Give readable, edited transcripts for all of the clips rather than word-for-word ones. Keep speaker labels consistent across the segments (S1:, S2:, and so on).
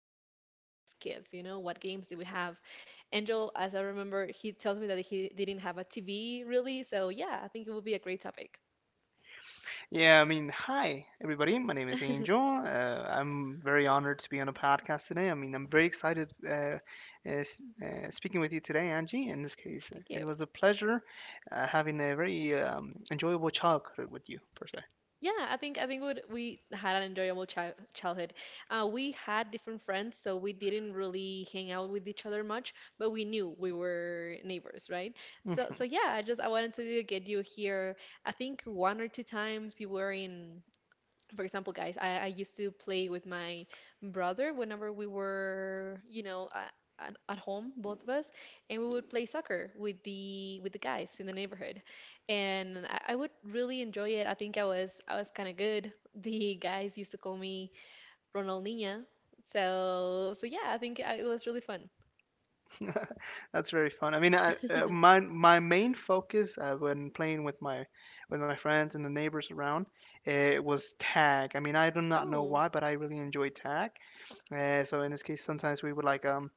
S1: pass the time as kids. You know, what games did we have? Angel, as I remember, he tells me that he didn't have a TV really, so yeah, I think it would be a great topic.
S2: Yeah, I mean, hi everybody. My name is Angel. I'm very honored to be on a podcast today. I mean, I'm very excited speaking with you today, Angie. In this case,
S1: Thank you.
S2: it was a pleasure having a very enjoyable childhood with you, per se.
S1: Yeah, I think what we had an enjoyable childhood. We had different friends, so we didn't really hang out with each other much, but we knew we were neighbors, right? So
S2: Mhm.
S1: so yeah, I just I wanted to get you here. I think one or two times you were in, for example, guys, I used to play with my brother whenever we were, you know, at home, both of us, and we would play soccer with the guys in the neighborhood, and I would really enjoy it. I think I was kind of good. The guys used to call me Ronaldinha, so yeah, I think it was really fun.
S2: That's very fun. I mean, my main focus when playing with my friends and the neighbors around was tag. I mean, I do not know
S1: Oh,
S2: why, but I really enjoy tag. So in this case, sometimes we would like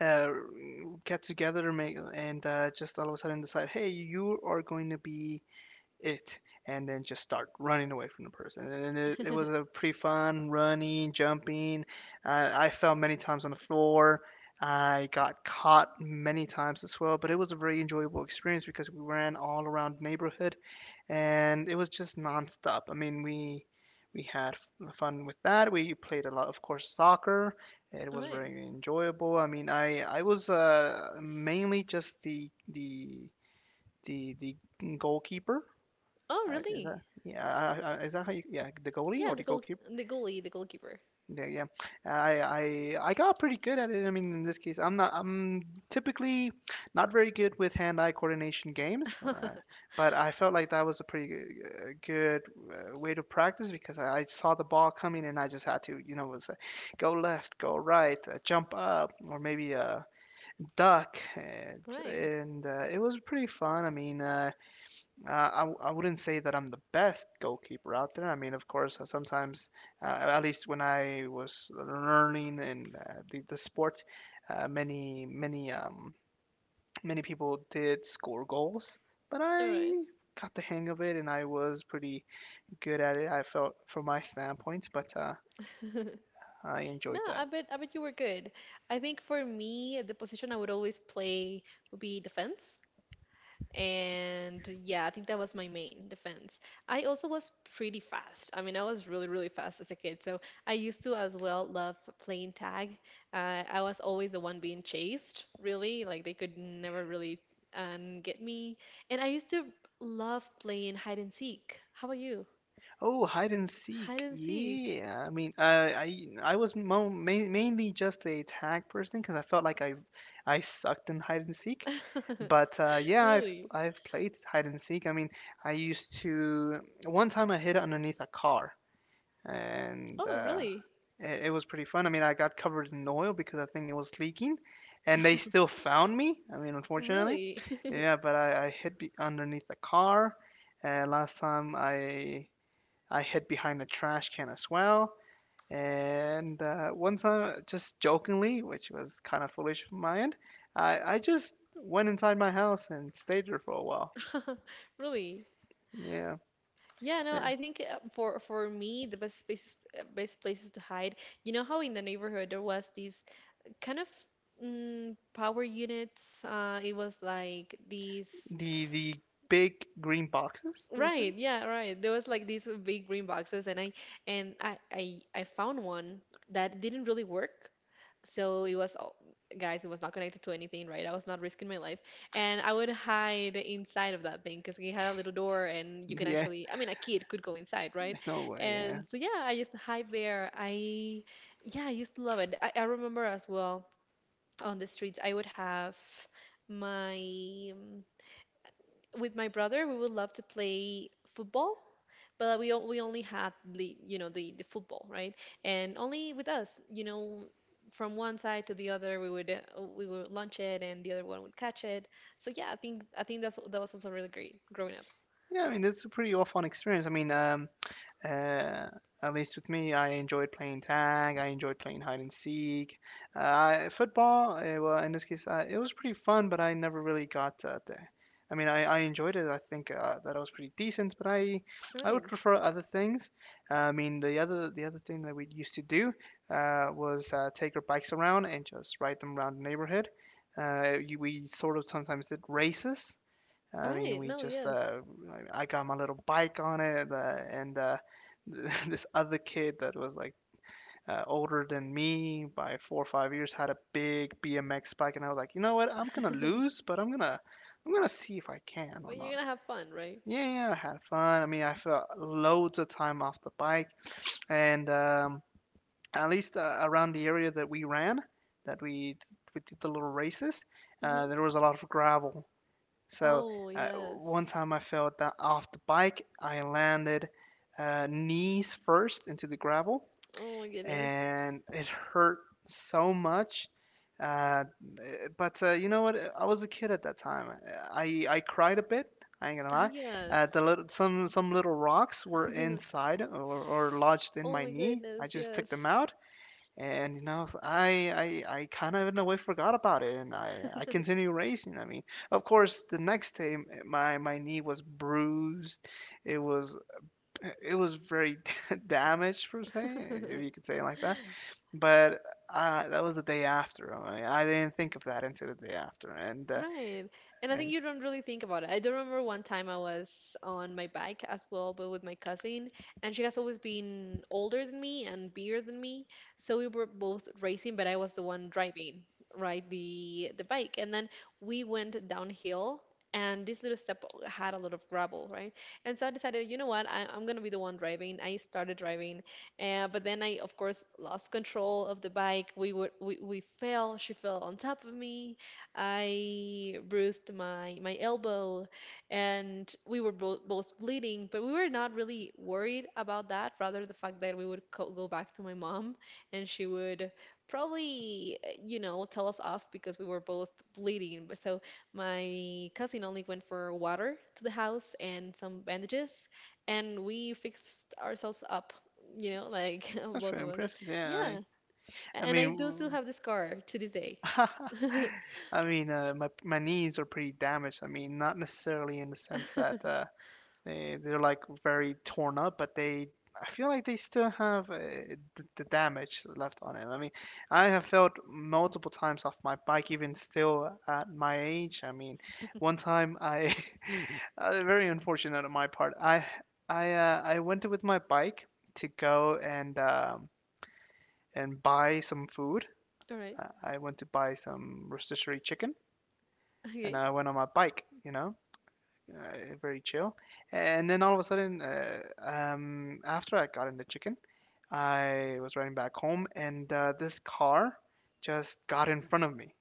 S2: uh, get together make, and just all of a sudden decide, hey, you are going to be it, and then just start running away from the person. And it was a pretty fun running jumping. I fell many times on the floor. I got caught many times as well, but it was a very enjoyable experience because we ran all around the neighborhood, and it was just nonstop. I mean, we had fun with that. We played a lot of course soccer. It
S1: all
S2: was
S1: right.
S2: very enjoyable. I mean, I was mainly just the goalkeeper.
S1: Oh,
S2: Is
S1: really?
S2: that, yeah? Is that how you, yeah, the goalie
S1: Yeah,
S2: or
S1: the
S2: the
S1: goal,
S2: goalkeeper?
S1: the goalie, the goalkeeper.
S2: Yeah, yeah. I got pretty good at it. I mean, in this case, I'm not. I'm typically not very good with hand-eye coordination games,
S1: All
S2: but I felt like that was a pretty good way to practice because I saw the ball coming and I just had to, you know, was go left, go right, jump up, or maybe duck, and,
S1: right,
S2: and uh, it was pretty fun. I mean, I I wouldn't say that I'm the best goalkeeper out there. I mean, of course, sometimes, at least when I was learning in the sport, many many people did score goals, but
S1: all right.
S2: I got the hang of it and I was pretty good at it. I felt from my standpoint, but I
S1: No,
S2: enjoyed that.
S1: I bet you were good. I think for me, the position I would always play would be defense. And yeah, I think that was my main defense. I also was pretty fast. I mean, I was really, really fast as a kid. So I used to as well love playing tag. I was always the one being chased, really. Like they could never really get me. And I used to love playing hide and seek. How about you?
S2: Oh, hide and
S1: Hide
S2: seek.
S1: and seek.
S2: Yeah. I mean, I was mo ma mainly just a tag person because I felt like I sucked in hide and seek. But yeah, I've
S1: Really?
S2: I've played hide and seek. I mean, I used to, one time I hid underneath a car, and
S1: Oh,
S2: uh,
S1: really?
S2: it, it was pretty fun. I mean, I got covered in oil because I think it was leaking, and they still found me. I mean, unfortunately,
S1: Really?
S2: yeah. But I hid be underneath the car, and last time I hid behind a trash can as well. And one time, just jokingly, which was kind of foolish of my end, I just went inside my house and stayed there for a while.
S1: Really?
S2: Yeah.
S1: Yeah, no,
S2: Yeah.
S1: I think for me the best spaces best places to hide. You know how in the neighborhood there was these kind of power units. It was like these.
S2: The big green boxes, those things.
S1: Right, yeah, right. There was like these big green boxes, and I found one that didn't really work. So it was, all- Guys, it was not connected to anything, right? I was not risking my life. And I would hide inside of that thing because it had a little door and you can
S2: Yeah,
S1: actually, I mean, a kid could go inside, right?
S2: no way. Yeah.
S1: And so, yeah, I used to hide there. Yeah, I used to love it. I remember as well on the streets, I would have my, with my brother, we would love to play football, but we only had the, you know, the football, right? And only with us, you know, from one side to the other, we would launch it, and the other one would catch it. So yeah, I think that was also really great growing up.
S2: Yeah, I mean, it's a pretty awful experience. I mean, Uh, at least with me, I enjoyed playing tag. I enjoyed playing hide and seek. Football, well, in this case, it was pretty fun, but I never really got there. I mean, I enjoyed it. I think that I was pretty decent, but I
S1: All
S2: I
S1: right,
S2: would prefer other things. I mean, the other thing that we used to do was take our bikes around and just ride them around the neighborhood. We sort of sometimes did races.
S1: all
S2: I mean,
S1: right,
S2: we
S1: no,
S2: just
S1: yes,
S2: I got my little bike on it, and this other kid that was like older than me by 4 or 5 years had a big BMX bike, and I was like, you know what? I'm gonna
S1: but
S2: lose, but I'm gonna see if I can or
S1: you're
S2: not.
S1: gonna have fun, right?
S2: Yeah, yeah, I had fun. I mean, I felt loads of time off the bike, and at least around the area that we ran, that we did the little races.
S1: Hmm.
S2: There was a lot of gravel. So
S1: Oh
S2: one
S1: yes,
S2: time I fell off the bike. I landed knees first into the gravel,
S1: oh my goodness,
S2: and it hurt so much. Uh, eh, but You know what? I was a kid at that time. I cried a bit. I ain't gonna lie.
S1: yes,
S2: The little, some little rocks were inside, or lodged in
S1: oh
S2: my
S1: my
S2: knee. I
S1: goodness,
S2: just took
S1: yes.
S2: them out, and you know, I kind of in a way forgot about it, and I continue racing. I mean, of course, the next day my my knee was bruised. It was very damaged per se, if you could say it like that. But that was the day after. I mean, I didn't think of that until the day after, and
S1: Right. And I think
S2: and
S1: you don't really think about it. I do remember one time I was on my bike as well, but with my cousin, and she has always been older than me and bigger than me. So we were both racing, but I was the one driving, right, the bike. And then we went downhill, and this little step had a lot of gravel, right? And so I decided, you know what, I'm gonna be the one driving. I started driving, but then I, of course, lost control of the bike. We fell. She fell on top of me. I bruised my elbow, and we were bo both bleeding, but we were not really worried about that. Rather, the fact that we would co go back to my mom, and she would probably, you know, tell us off because we were both bleeding. But So my cousin only went for water to the house and some bandages, and we fixed ourselves up. You know, like
S2: that's
S1: both
S2: pretty
S1: of us.
S2: impressive. Yeah,
S1: Yeah.
S2: I
S1: And I do still
S2: mean.
S1: have the scar to this day.
S2: I mean, my my knees are pretty damaged. I mean, not necessarily in the sense that They they're like very torn up, but they I feel like they still have the damage left on it. I mean, I have felt multiple times off my bike, even still at my age. I mean, one time I very unfortunate on my part. I went with my bike to go and buy some food.
S1: All right.
S2: I went to buy some rotisserie chicken, and
S1: Okay.
S2: I went on my bike, you know, very chill. And then all of a sudden, after I got into chicken, I was riding back home, and this car just got in front of me.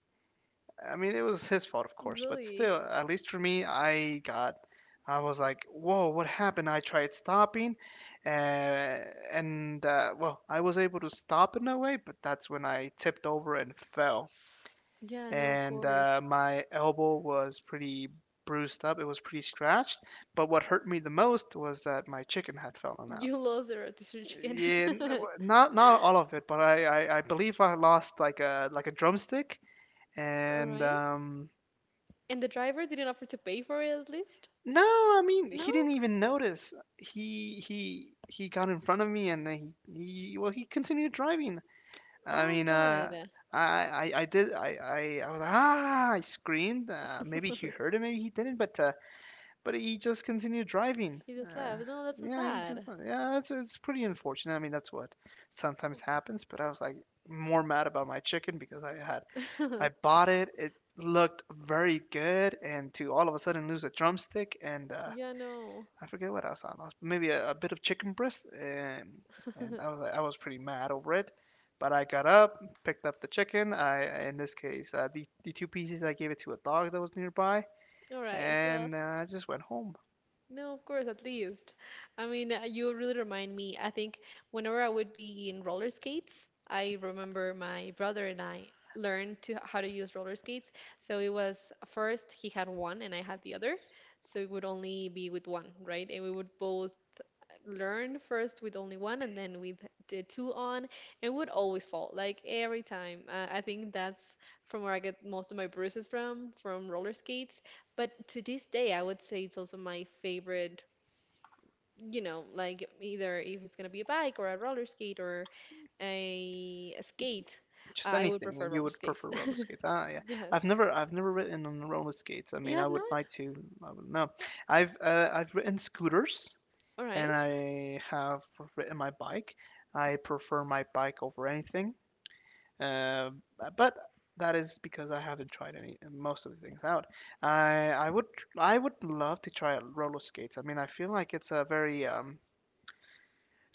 S2: I mean, it was his fault, of course, but
S1: Really?
S2: still, at least for me, I got. I was like, "Whoa, what happened?" I tried stopping, uh, and well, I was able to stop in a way, but that's when I tipped over and fell,
S1: Yeah, no, of
S2: and
S1: course.
S2: my elbow was pretty bruised up. It was pretty scratched. But what hurt me the most was that my chicken had fallen out.
S1: You lost the rotisserie chicken.
S2: Yeah, not not all of it, but I believe I lost like a drumstick.
S1: All
S2: And
S1: right. And the driver didn't offer to pay for it at least?
S2: no, I mean
S1: No?
S2: he didn't even notice. He got in front of me, and then he continued driving. I
S1: Oh,
S2: mean
S1: God.
S2: I did I was ah, I screamed. Maybe he heard it, maybe he didn't, but he just continued driving.
S1: He just left. No, that's so sad.
S2: Yeah, it's pretty unfortunate. I mean, that's what sometimes happens. But I was like more mad about my chicken because I bought it. It looked very good, and to all of a sudden lose a drumstick, and
S1: Yeah, no.
S2: I forget what else I lost. Maybe a bit of chicken breast, and I was like, I was pretty mad over it. But I got up, picked up the chicken. I in this case the two pieces I gave it to a dog that was nearby,
S1: All right. Well,
S2: and I just went home.
S1: no, of course, at least. I mean, you really remind me. I think whenever I would be in roller skates, I remember my brother and I learned to how to use roller skates. So it was first he had one and I had the other. So it would only be with one, right? And we would both learn first with only one and then with the two on and would always fall like every time. I think that's from where I get most of my bruises from roller skates, but to this day I would say it's also my favorite, you know, like either if it's going to be a bike or a roller skate or a skate,
S2: Just
S1: I would
S2: anything.
S1: prefer
S2: You
S1: roller
S2: would
S1: skates.
S2: prefer roller skates. Ah, yeah.
S1: Yes,
S2: I've never ridden on roller skates. I
S1: you
S2: mean, I
S1: have
S2: would
S1: not.
S2: like to. I would know. I've ridden scooters,
S1: All right.
S2: and I have ridden my bike. I prefer my bike over anything. Uh, but that is because I haven't tried any most of the things out. I, I would, I would love to try out roller skates. I mean, I feel like it's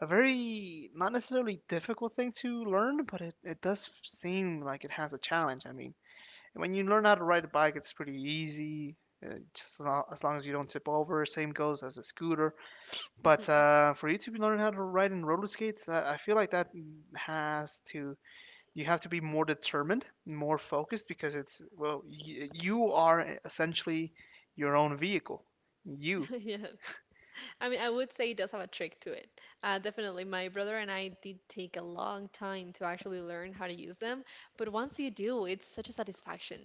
S2: a very not necessarily difficult thing to learn, but it does seem like it has a challenge. I mean. When you learn how to ride a bike, it's pretty easy. Just as long as you don't tip over, same goes as a scooter. But for you to learn how to ride in roller skates, I feel like that has to you have to be more determined, more focused, because it's well, you are essentially your own vehicle. You,
S1: Yes. I mean, I would say it does have a trick to it. Definitely, my brother and I did take a long time to actually learn how to use them, but once you do, it's such a satisfaction,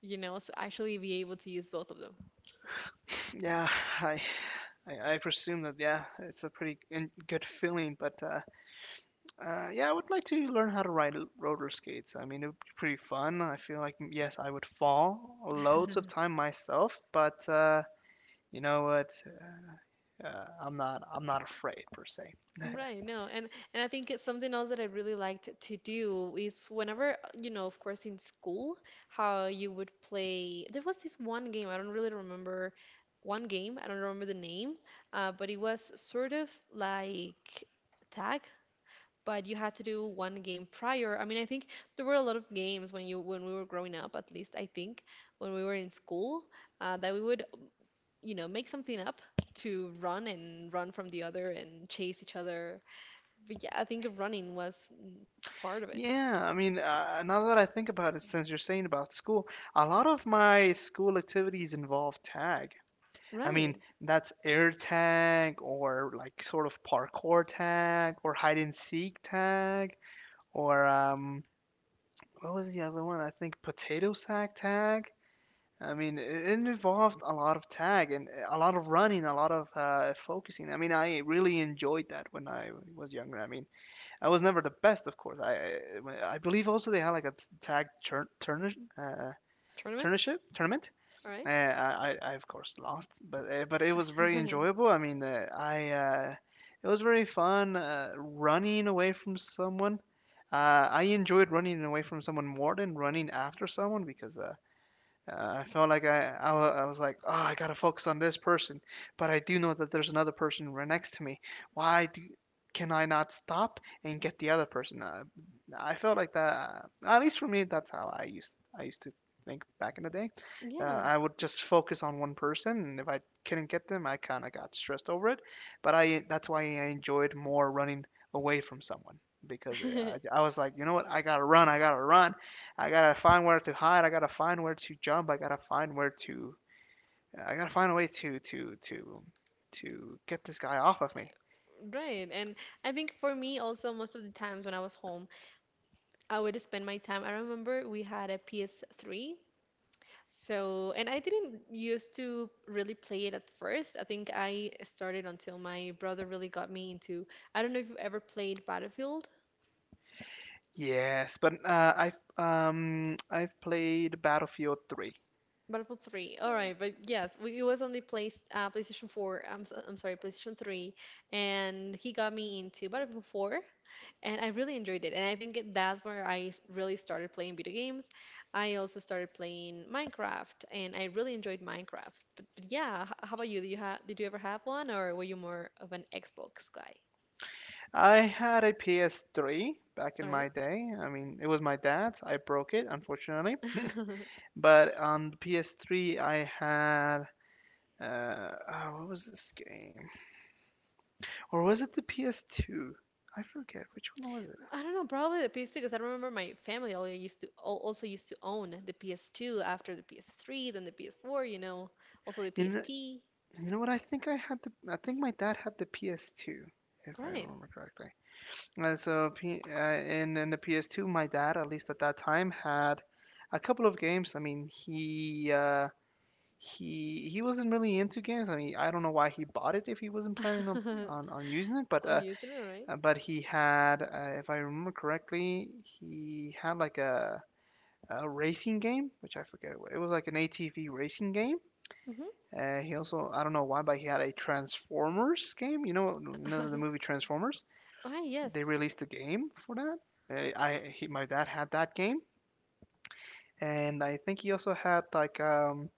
S1: you know, so actually be able to use both of them.
S2: yeah. I, I presume that yeah, it's a pretty good feeling, but yeah, I would like to learn how to ride roller skates. I mean, it would be pretty fun. I feel like, mm, yes, I would fall loads of time myself, but you know what? I'm not afraid per se.
S1: Right, no, and I think it's something else that I really liked to do is whenever, you know, of course in school, how you would play. There was this one game, I don't remember the name, but it was sort of like tag, but you had to do one game prior. I mean, I think there were a lot of games when you when we were growing up, at least I think when we were in school, that we would, you know, make something up to run and run from the other and chase each other. But yeah, I think running was part of it.
S2: Yeah, I mean, now that I think about it, since you're saying about school, a lot of my school activities involve tag. I mean,
S1: Right.
S2: that's air tag or like sort of parkour tag or hide and seek tag, or what was the other one? I think potato sack tag. I mean, it involved a lot of tag and a lot of running, a lot of focusing. I mean, I really enjoyed that when I was younger. I mean, I was never the best, of course. I believe also they had like a tag uh,
S1: Tournament?
S2: tournament tournament.
S1: All right.
S2: uh, I, I of course lost, but it was very enjoyable. I mean, I it was very fun running away from someone. I enjoyed running away from someone more than running after someone because I felt like I was like, oh, I gotta focus on this person, but I do know that there's another person right next to me. Why do, can I not stop and get the other person? I felt like that. At least for me, that's how I used to think back in the day.
S1: Yeah.
S2: I would just focus on one person, and if I couldn't get them, I kind of got stressed over it. But I that's why I enjoyed more running away from someone because uh, I, I was like, you know what, I gotta run, I gotta find where to hide. I gotta find where to jump. I gotta find where to. I gotta find a way to get this guy off of me.
S1: Right. And I think for me also most of the times when I was home, I would spend my time. I remember we had a PS3. So, and I didn't used to really play it at first. I think I started until my brother really got me into. I don't know if you ever played Battlefield,
S2: Yes, but I've played Battlefield 3.
S1: Battlefield 3. All right, but yes, we, it was only placed PlayStation 4. I'm s- I'm sorry, PlayStation 3, and he got me into Battlefield 4. And I really enjoyed it. And that's where really started playing video games. I also started playing Minecraft, and I really enjoyed Minecraft. But yeah, how about you? Do you have, did you ever have one, or were you more of an Xbox guy?
S2: I had a PS3 back in
S1: All
S2: my
S1: right.
S2: day. I mean, it was my dad's. I broke it, unfortunately. But on the PS3, I had oh, what was this game? Or was it the PS2? I forget which one was it.
S1: I don't know, probably the PS2 because I remember my family all used to also used to own the PS2 after the PS3, then the PS4, you know, also the
S2: You know,
S1: PSP.
S2: You know what? I think I had the. I think my dad had the PS2, if
S1: All
S2: I
S1: right.
S2: remember correctly. In the PS2, my dad, at least at that time, had a couple of games. I mean, he he wasn't really into games. I mean, I don't know why he bought it if he wasn't planning on using it.
S1: Oh, you using it, right?
S2: But he had, if I remember correctly, he had like a racing game, which I forget. It was like an ATV racing game. He also, I don't know why, but he had a Transformers game. You know the
S1: Mm-hmm.
S2: movie Transformers.
S1: All right,
S2: They
S1: yes.
S2: released a game for that. My dad had that game, and I think he also had like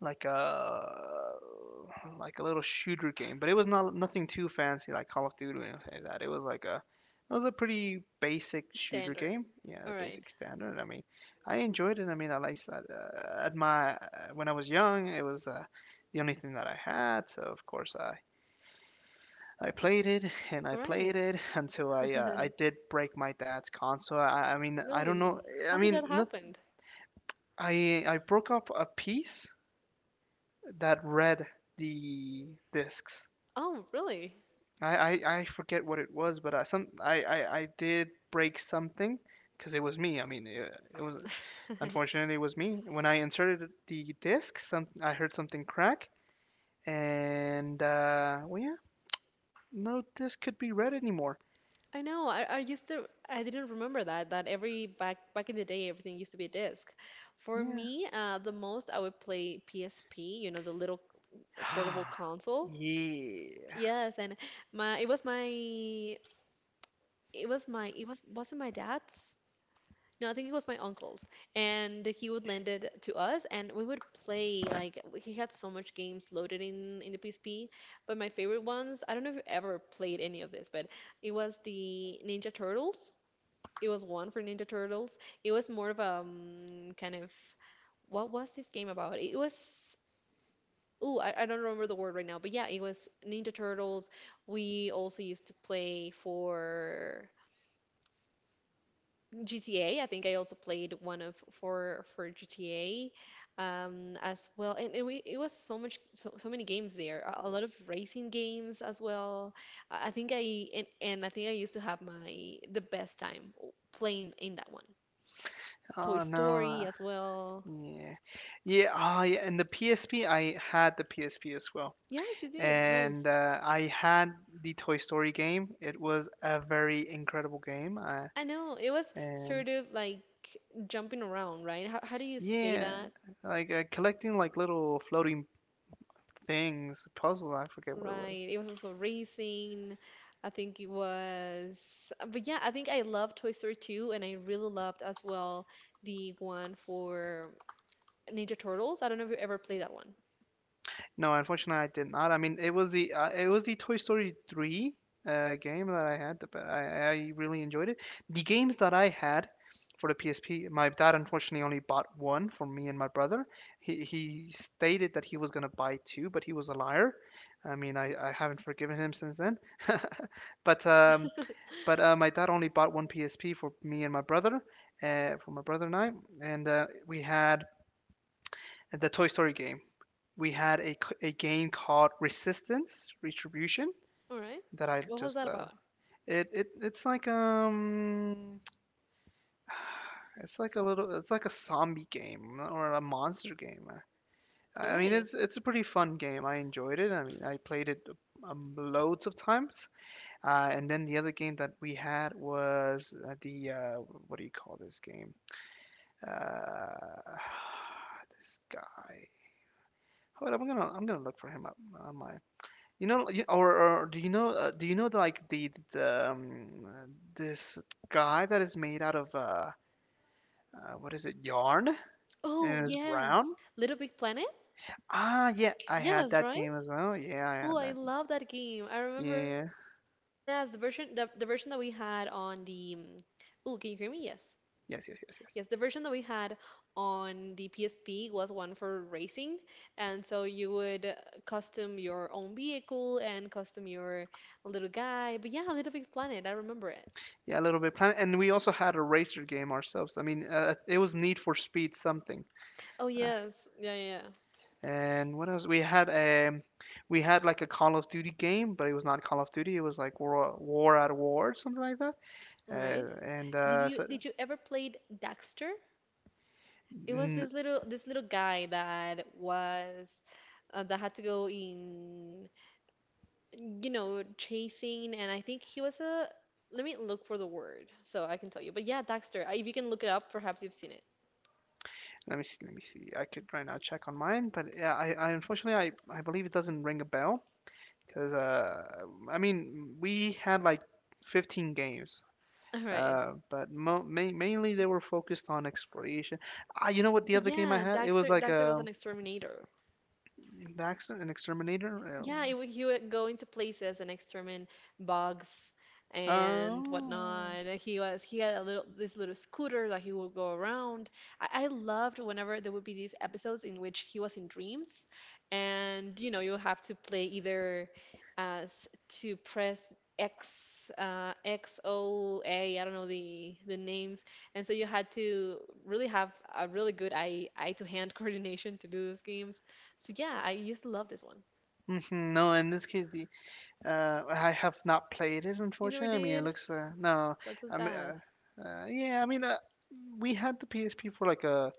S2: like a like a little shooter game, but it was not nothing too fancy like Call of Duty or anything like that. It was a pretty basic shooter
S1: Standard.
S2: game, yeah,
S1: All right.
S2: basic standard. I mean, I enjoyed it. I mean, I liked that. At my When I was young, it was the only thing that I had, so of course I played it and I
S1: Right.
S2: played it until I did break my dad's console. I don't
S1: Really?
S2: know. I
S1: How did
S2: mean,
S1: that
S2: not
S1: happen?
S2: I I broke up a piece that read the discs.
S1: Oh, really?
S2: I, I forget what it was, but I did break something because it was me. I mean, it was unfortunately it was me. When I inserted the disc, some I heard something crack, and well, yeah, no disc could be read anymore.
S1: I know. I used to, I didn't remember that that every back in the day everything used to be a disc. For
S2: Yeah.
S1: me, the most I would play PSP, you know, the little portable console.
S2: Yeah.
S1: Yes, and my it was my it was my it was wasn't my dad's. No, I think it was my uncle's, and he would lend it to us, and we would play. Like he had so much games loaded in the PSP, but my favorite ones. I don't know if you ever played any of this, but it was the Ninja Turtles. It was one for Ninja Turtles. It was more of a kind of what was this game about? It was. Ooh, I don't remember the word right now, but yeah, it was Ninja Turtles. We also used to play for GTA. I think I also played one of for GTA, as well, and we, it was so much, so, so many games there. A lot of racing games as well. I think I and I think I used to have my the best time playing in that one. Toy
S2: Oh no.
S1: Story as well.
S2: Yeah. Yeah. Oh yeah. And the PSP, I had the PSP as well.
S1: Yes, you did.
S2: And
S1: Nice.
S2: I had the Toy Story game. It was a very incredible game,
S1: I know it was
S2: and
S1: sort of like jumping around, right? How do you say
S2: yeah,
S1: that?
S2: like collecting like little floating things, puzzles. I forget what it was.
S1: Right. It was also racing. I think it was, but yeah, I think I loved Toy Story 2 and I really loved as well the one for Ninja Turtles. I don't know if you ever played that one.
S2: No, unfortunately, I did not. I mean, it was the Toy Story 3 game that I had, but I really enjoyed it. The games that I had for the PSP, my dad unfortunately only bought one for me and my brother. He stated that he was gonna buy two, but he was a liar. I mean, I haven't forgiven him since then. But um, but my dad only bought one PSP for me and my brother, for my brother and I, and we had the Toy Story game. We had a game called Resistance Retribution
S1: All right.
S2: that I
S1: What was that
S2: just
S1: about?
S2: it, it it's like a little it's like a zombie game or a monster game.
S1: All
S2: I mean
S1: right.
S2: it's a pretty fun game. I enjoyed it. I mean I played it loads of times. And then the other game that we had was the what do you call this game? Uh, this guy. Hold up, I'm gonna look for him up on my. You know, you- or Do you know? Do you know the, like the this guy that is made out of what is it, yarn,
S1: Oh,
S2: and it's brown?
S1: yes. Little Big Planet?
S2: Ah, yeah, I had
S1: Yes,
S2: that
S1: right?
S2: game as well. Yeah, I
S1: Oh,
S2: had
S1: I
S2: that.
S1: love that game. I remember.
S2: Yeah,
S1: Yes, the version the version that we had on the Oh, can you hear me? Yes.
S2: yes.
S1: Yes, the version that we had on the PSP was one for racing, and so you would custom your own vehicle and custom your little guy. But yeah, Little Big Planet, I remember it.
S2: Yeah, a little bit planet, and we also had a racer game ourselves. I mean, it was Need for Speed something.
S1: Oh
S2: Uh,
S1: yes, yeah, yeah.
S2: and What else? We had like a Call of Duty game, but it was not Call of Duty. It was like War at War, something like that.
S1: Yeah. Right.
S2: Uh, and
S1: Did
S2: uh,
S1: you
S2: so
S1: did you ever played Daxter? It was
S2: N-
S1: this little guy that was that had to go in, you know, chasing, and I think he was a. Let me look for the word so I can tell you. But yeah, Daxter. I- If you can look it up, perhaps you've seen it.
S2: Let me see. Let me see. I could right now check on mine, but yeah, I unfortunately I believe it doesn't ring a bell because I mean we had like 15 games,
S1: All right.
S2: but mainly they were focused on exploration. Ah, you know what? The
S1: But
S2: other game I
S1: yeah,
S2: had it was
S1: Daxter
S2: like
S1: Daxter was
S2: a
S1: an exterminator.
S2: the accident an exterminator.
S1: Yeah, it, would- he would go into places and exterminate bugs and
S2: Oh.
S1: whatnot. He had a little this little scooter that he would go around. I loved whenever there would be these episodes in which he was in dreams, and you know you have to play either as to press X XOA don't know the names, and so you had to really have a really good eye to hand coordination to do those games. So yeah, I used to love this one.
S2: Mhm, No, in this case, the I have not played it,
S1: You never
S2: unfortunately. I mean, it
S1: did?
S2: looks no.
S1: That's so
S2: I mean,
S1: sad.
S2: yeah. I mean, we had the PSP for like a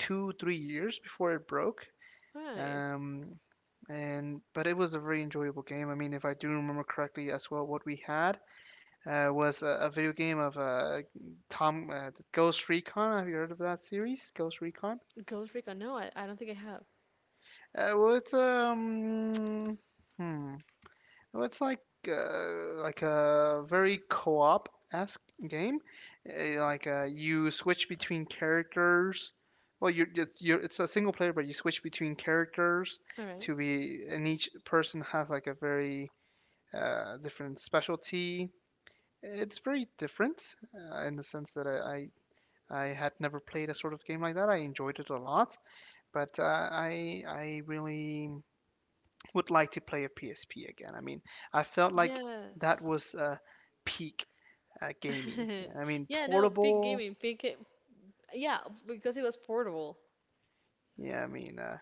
S2: 2, 3 years before it broke.
S1: All right.
S2: Um, and But it was a very enjoyable game. I mean, if I do remember correctly, as well, what we had was a video game of Tom Ghost Recon. Have you heard of that series, Ghost Recon?
S1: Ghost Recon. No, I don't think I have.
S2: Well, it's hmm. Well, it's like a very co-op-esque game. You switch between characters. Well, you it's a single player, but you switch between characters
S1: All right.
S2: to be, and each person has like a very different specialty. It's very different in the sense that I had never played a sort of game like that. I enjoyed it a lot, but I really would like to play a PSP again. I mean, I felt like that
S1: Yes.
S2: was peak gaming. I mean,
S1: Yeah, no, Peak
S2: portable.
S1: Gaming. Peak. Ga- Yeah, because it was portable.
S2: Yeah, I mean,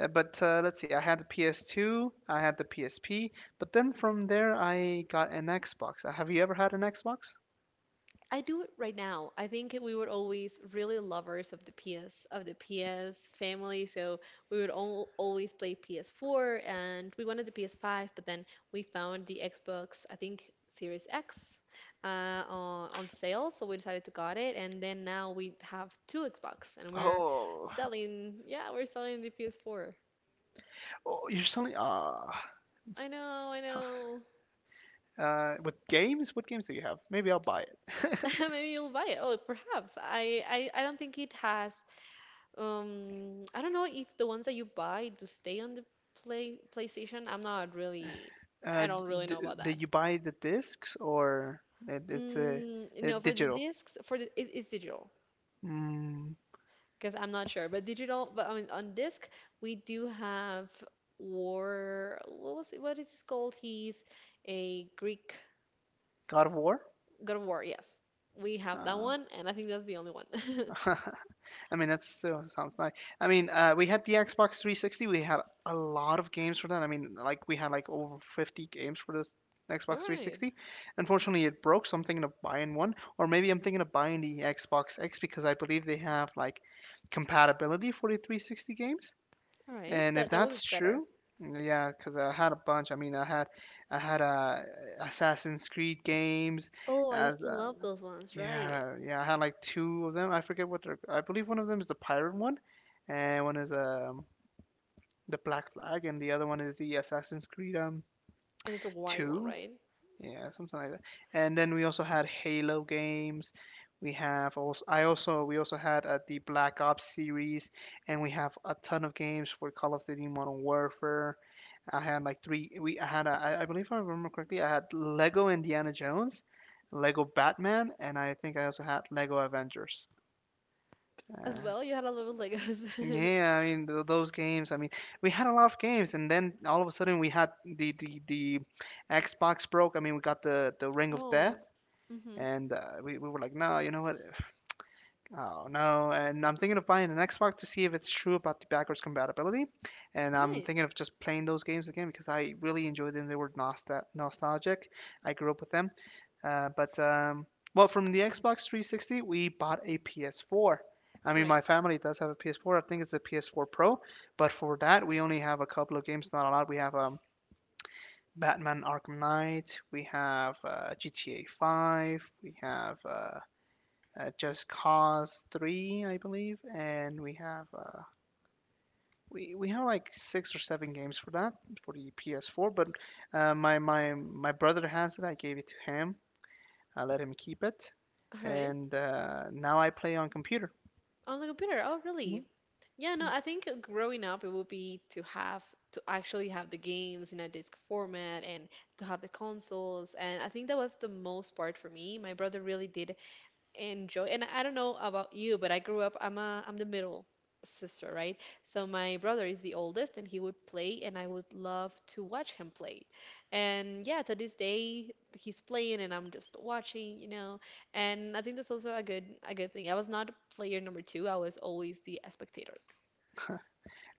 S2: but let's see. I had the PS2, I had the PSP, but then from there I got an Xbox. Have you ever had an Xbox?
S1: I do it right now. I think we were always really lovers of the PS of the PS family, so we would all, always play PS4 and we wanted the PS5, but then we found the Xbox, I think Series X, on sale, so we decided to got it, and then now we have two Xbox, and we're
S2: Oh,
S1: selling, yeah, we're selling the PS4.
S2: oh you're selling ah
S1: I know, I know.
S2: with games? What games do you have? Maybe I'll buy it.
S1: Maybe you'll buy it. Oh, perhaps. I, I don't think it has. I don't know if the ones that you buy do stay on the play PlayStation. I'm not really,
S2: Uh,
S1: I don't really
S2: D-
S1: know about
S2: did
S1: that.
S2: you buy the discs or it, it's a,
S1: Mm,
S2: a
S1: no, for the
S2: digital?
S1: discs, for the it, it's digital
S2: Mm,
S1: because I'm not sure, but digital, but on disc we do have War. What was it? What is this called? He's a Greek
S2: God of War?
S1: God of War. Yes, we have that
S2: Uh,
S1: one, and I think that's the only one.
S2: I mean, that still sounds nice. I mean, we had the Xbox 360. We had a lot of games for that. I mean, like we had like over 50 games for the
S1: All
S2: Xbox
S1: right,
S2: 360. Unfortunately, it broke, so I'm thinking of buying one, or maybe I'm thinking of buying the Xbox X because I believe they have like compatibility for the 360 games.
S1: all right,
S2: And if
S1: that that would
S2: that's
S1: be better.
S2: true, yeah, because I had a bunch. I mean, I had Assassin's Creed games,
S1: Oh, I
S2: as
S1: used to love those ones, right?
S2: yeah, yeah, I had like two of them. I forget what they're. I believe one of them is the pirate one, and one is the Black Flag, and the other one is the Assassin's Creed
S1: And it's a white one,
S2: two.
S1: right?
S2: Yeah, something like that. And then we also had Halo games. We have also. I also We also had the Black Ops series, and we have a ton of games for Call of Duty Modern Warfare. I had like three. We I had a, I believe if I remember correctly, I had Lego Indiana Jones, Lego Batman, and I think I also had Lego Avengers.
S1: As
S2: Uh,
S1: well, you had a lot of Legos.
S2: yeah, I mean those games. I mean, we had a lot of games, and then all of a sudden we had the Xbox broke. I mean, we got the Ring of Death,
S1: Oh, hmm.
S2: and we were like, no, you know what? Oh no! And I'm thinking of buying an Xbox to see if it's true about the backwards compatibility, and I'm
S1: Right.
S2: thinking of just playing those games again because I really enjoyed them. They were nostalgic. I grew up with them. But well, from the Xbox 360, we bought a PS4. I
S1: All
S2: mean, my
S1: right.
S2: family does have a PS4. I think it's a PS4 Pro. But for that, we only have a couple of games. Not a lot. We have Batman Arkham Knight. We have GTA 5. We have Just Cause 3, I believe, and we have like six or seven games for that for the PS4, but my brother has it. I gave it to him, I let him keep it,
S1: All right.
S2: and now I play on computer.
S1: On the computer. Oh,
S2: Mhm.
S1: really? Yeah, no, I think growing up it would be to have to actually have the games in a disc format and to have the consoles. And I think that was the most part for me. My brother really did enjoy, and I don't know about you, but I grew up, I'm a I'm the middle sister, right? So my brother is the oldest and he would play and I would love to watch him play. And yeah, to this day he's playing and I'm just watching, you know. And I think that's also a good thing. I was not player number two, I was always the spectator.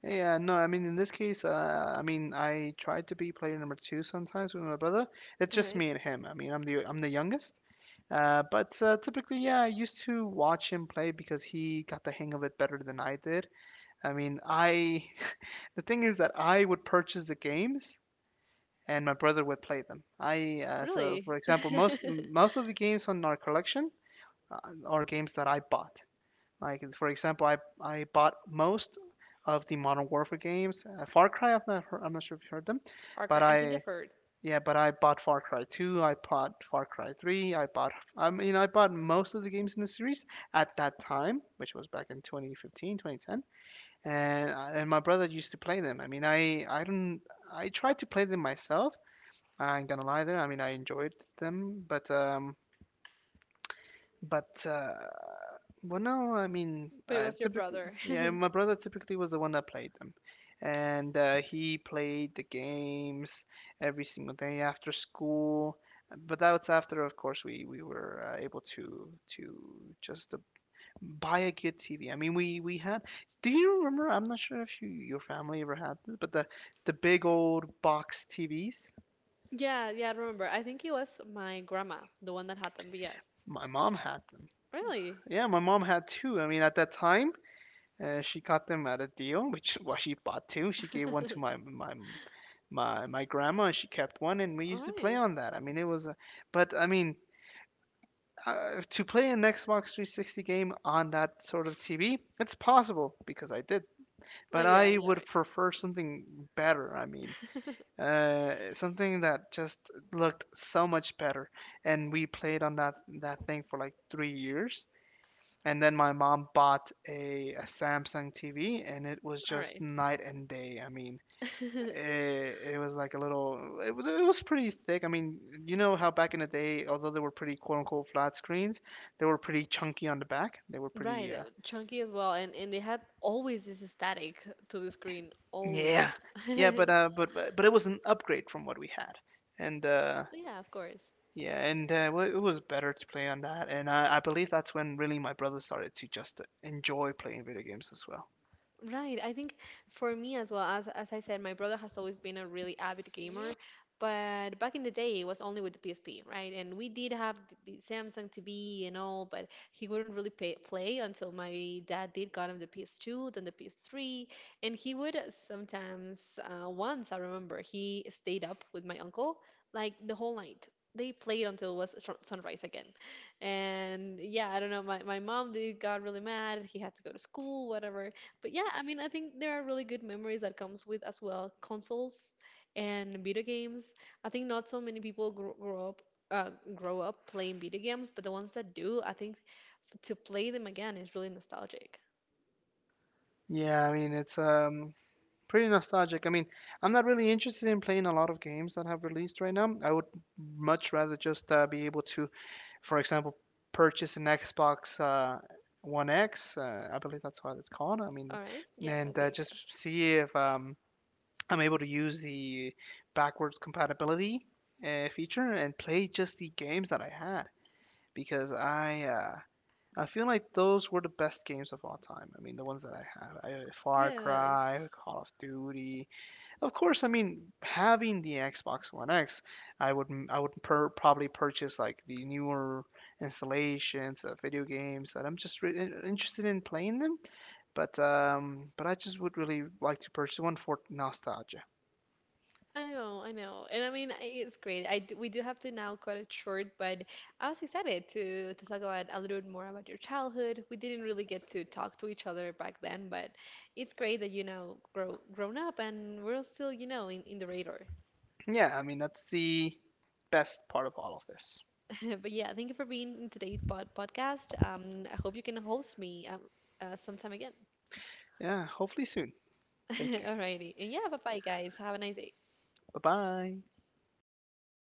S2: Yeah, no, I mean in this case, I mean I tried to be player number two sometimes with my brother. It's
S1: All
S2: just
S1: right.
S2: me and him. I mean I'm the youngest, but typically, yeah, I used to watch him play because he got the hang of it better than I did. I mean I, the thing is that I would purchase the games and my brother would play them. I So
S1: Really.
S2: for example, most of the games on our collection uh, are games that I bought. Like for example, I bought most of the Modern Warfare games. Far Cry, I've not heard, I'm not sure if you heard them,
S1: Far
S2: but
S1: cry, I think
S2: I
S1: I've heard.
S2: yeah, but I bought Far Cry 2, I bought Far Cry 3, I mean I bought most of the games in the series at that time, which was back in 2015, 2010. And my brother used to play them. I mean, I don't I tried to play them myself. I ain't gonna lie there. I mean, I enjoyed them, but well, no, I mean,
S1: But it was your brother.
S2: yeah, my brother typically was the one that played them. And he played the games every single day after school. But that was after, of course, we were able to to just buy a good TV. I mean, we had, do you remember? I'm not sure if you, your family ever had this, but the big old box TVs,
S1: Yeah, yeah, I remember. I think it was my grandma the one that had them, but yes.
S2: my mom had them.
S1: Really.
S2: Yeah, my mom had two. I mean, at that time, she got them at a deal, which well, she bought two. She gave one to my grandma, and she kept one, and we
S1: All
S2: used to play
S1: right.
S2: on that. I mean, it was, a, but I mean, to play an Xbox 360 game on that sort of TV, it's possible because I did.
S1: Oh
S2: But
S1: yeah,
S2: I
S1: yeah,
S2: would prefer something better. I mean,
S1: right.
S2: something that just looked so much better. And we played on that thing for like 3 years. And then my mom bought a Samsung TV, and it was
S1: All
S2: just
S1: right.
S2: night and day. I mean, it was like a little, it was pretty thick. I mean, you know how back in the day, although they were pretty quote unquote flat screens, they were pretty chunky on the back. They were
S1: Right,
S2: pretty,
S1: chunky as well, and they had always this static to the screen,
S2: yeah,
S1: always.
S2: yeah, but it was an upgrade from what we had, and
S1: Yeah, of course.
S2: yeah, it was better to play on that. And I believe that's when really my brother started to just enjoy playing video games as well.
S1: Right. I think for me as well, as I said, my brother has always been a really avid gamer, but back in the day it was only with the PSP, right? And we did have th- the Samsung TV and all, but he wouldn't really pay, play until my dad did got him the PS2, then the PS3, and he would sometimes once I remember he stayed up with my uncle like the whole night. They played until it was sun- sunrise again. And yeah, I don't know. My mom did got really mad. He had to go to school, whatever. But yeah, I mean, I think there are really good memories that comes with as well consoles and video games. I think not so many people grow, grow up playing video games, but the ones that do, I think to play them again is really nostalgic.
S2: Yeah, I mean it's pretty nostalgic. I mean, I'm not really interested in playing a lot of games that have released right now. I would much rather just be able to, for example, purchase an Xbox One X. I believe that's what it's called. I mean,
S1: All right? Yes, I
S2: and
S1: think
S2: just
S1: so.
S2: see if I'm able to use the backwards compatibility feature and play just the games that I had because I. I feel like those were the best games of all time. I mean, the ones that I had. Far Cry,
S1: Yes.
S2: Call of Duty, of course. I mean having the Xbox One X, probably purchase like the newer installations of video games that I'm just interested in playing them. But I just would really like to purchase one for nostalgia.
S1: I know, I know. And I mean, I- it's great. I d we do have to now cut it short, but I was excited to talk about a little bit more about your childhood. We didn't really get to talk to each other back then, but it's great that you now grow grown up and we're still, you know, in the radar.
S2: Yeah, I mean that's the best part of all of this.
S1: But yeah, thank you for being in today's pod podcast. I hope you can host me sometime again.
S2: Yeah, hopefully soon. Thank you.
S1: Alrighty. And yeah, bye bye guys. Have a nice day.
S2: Bye bye.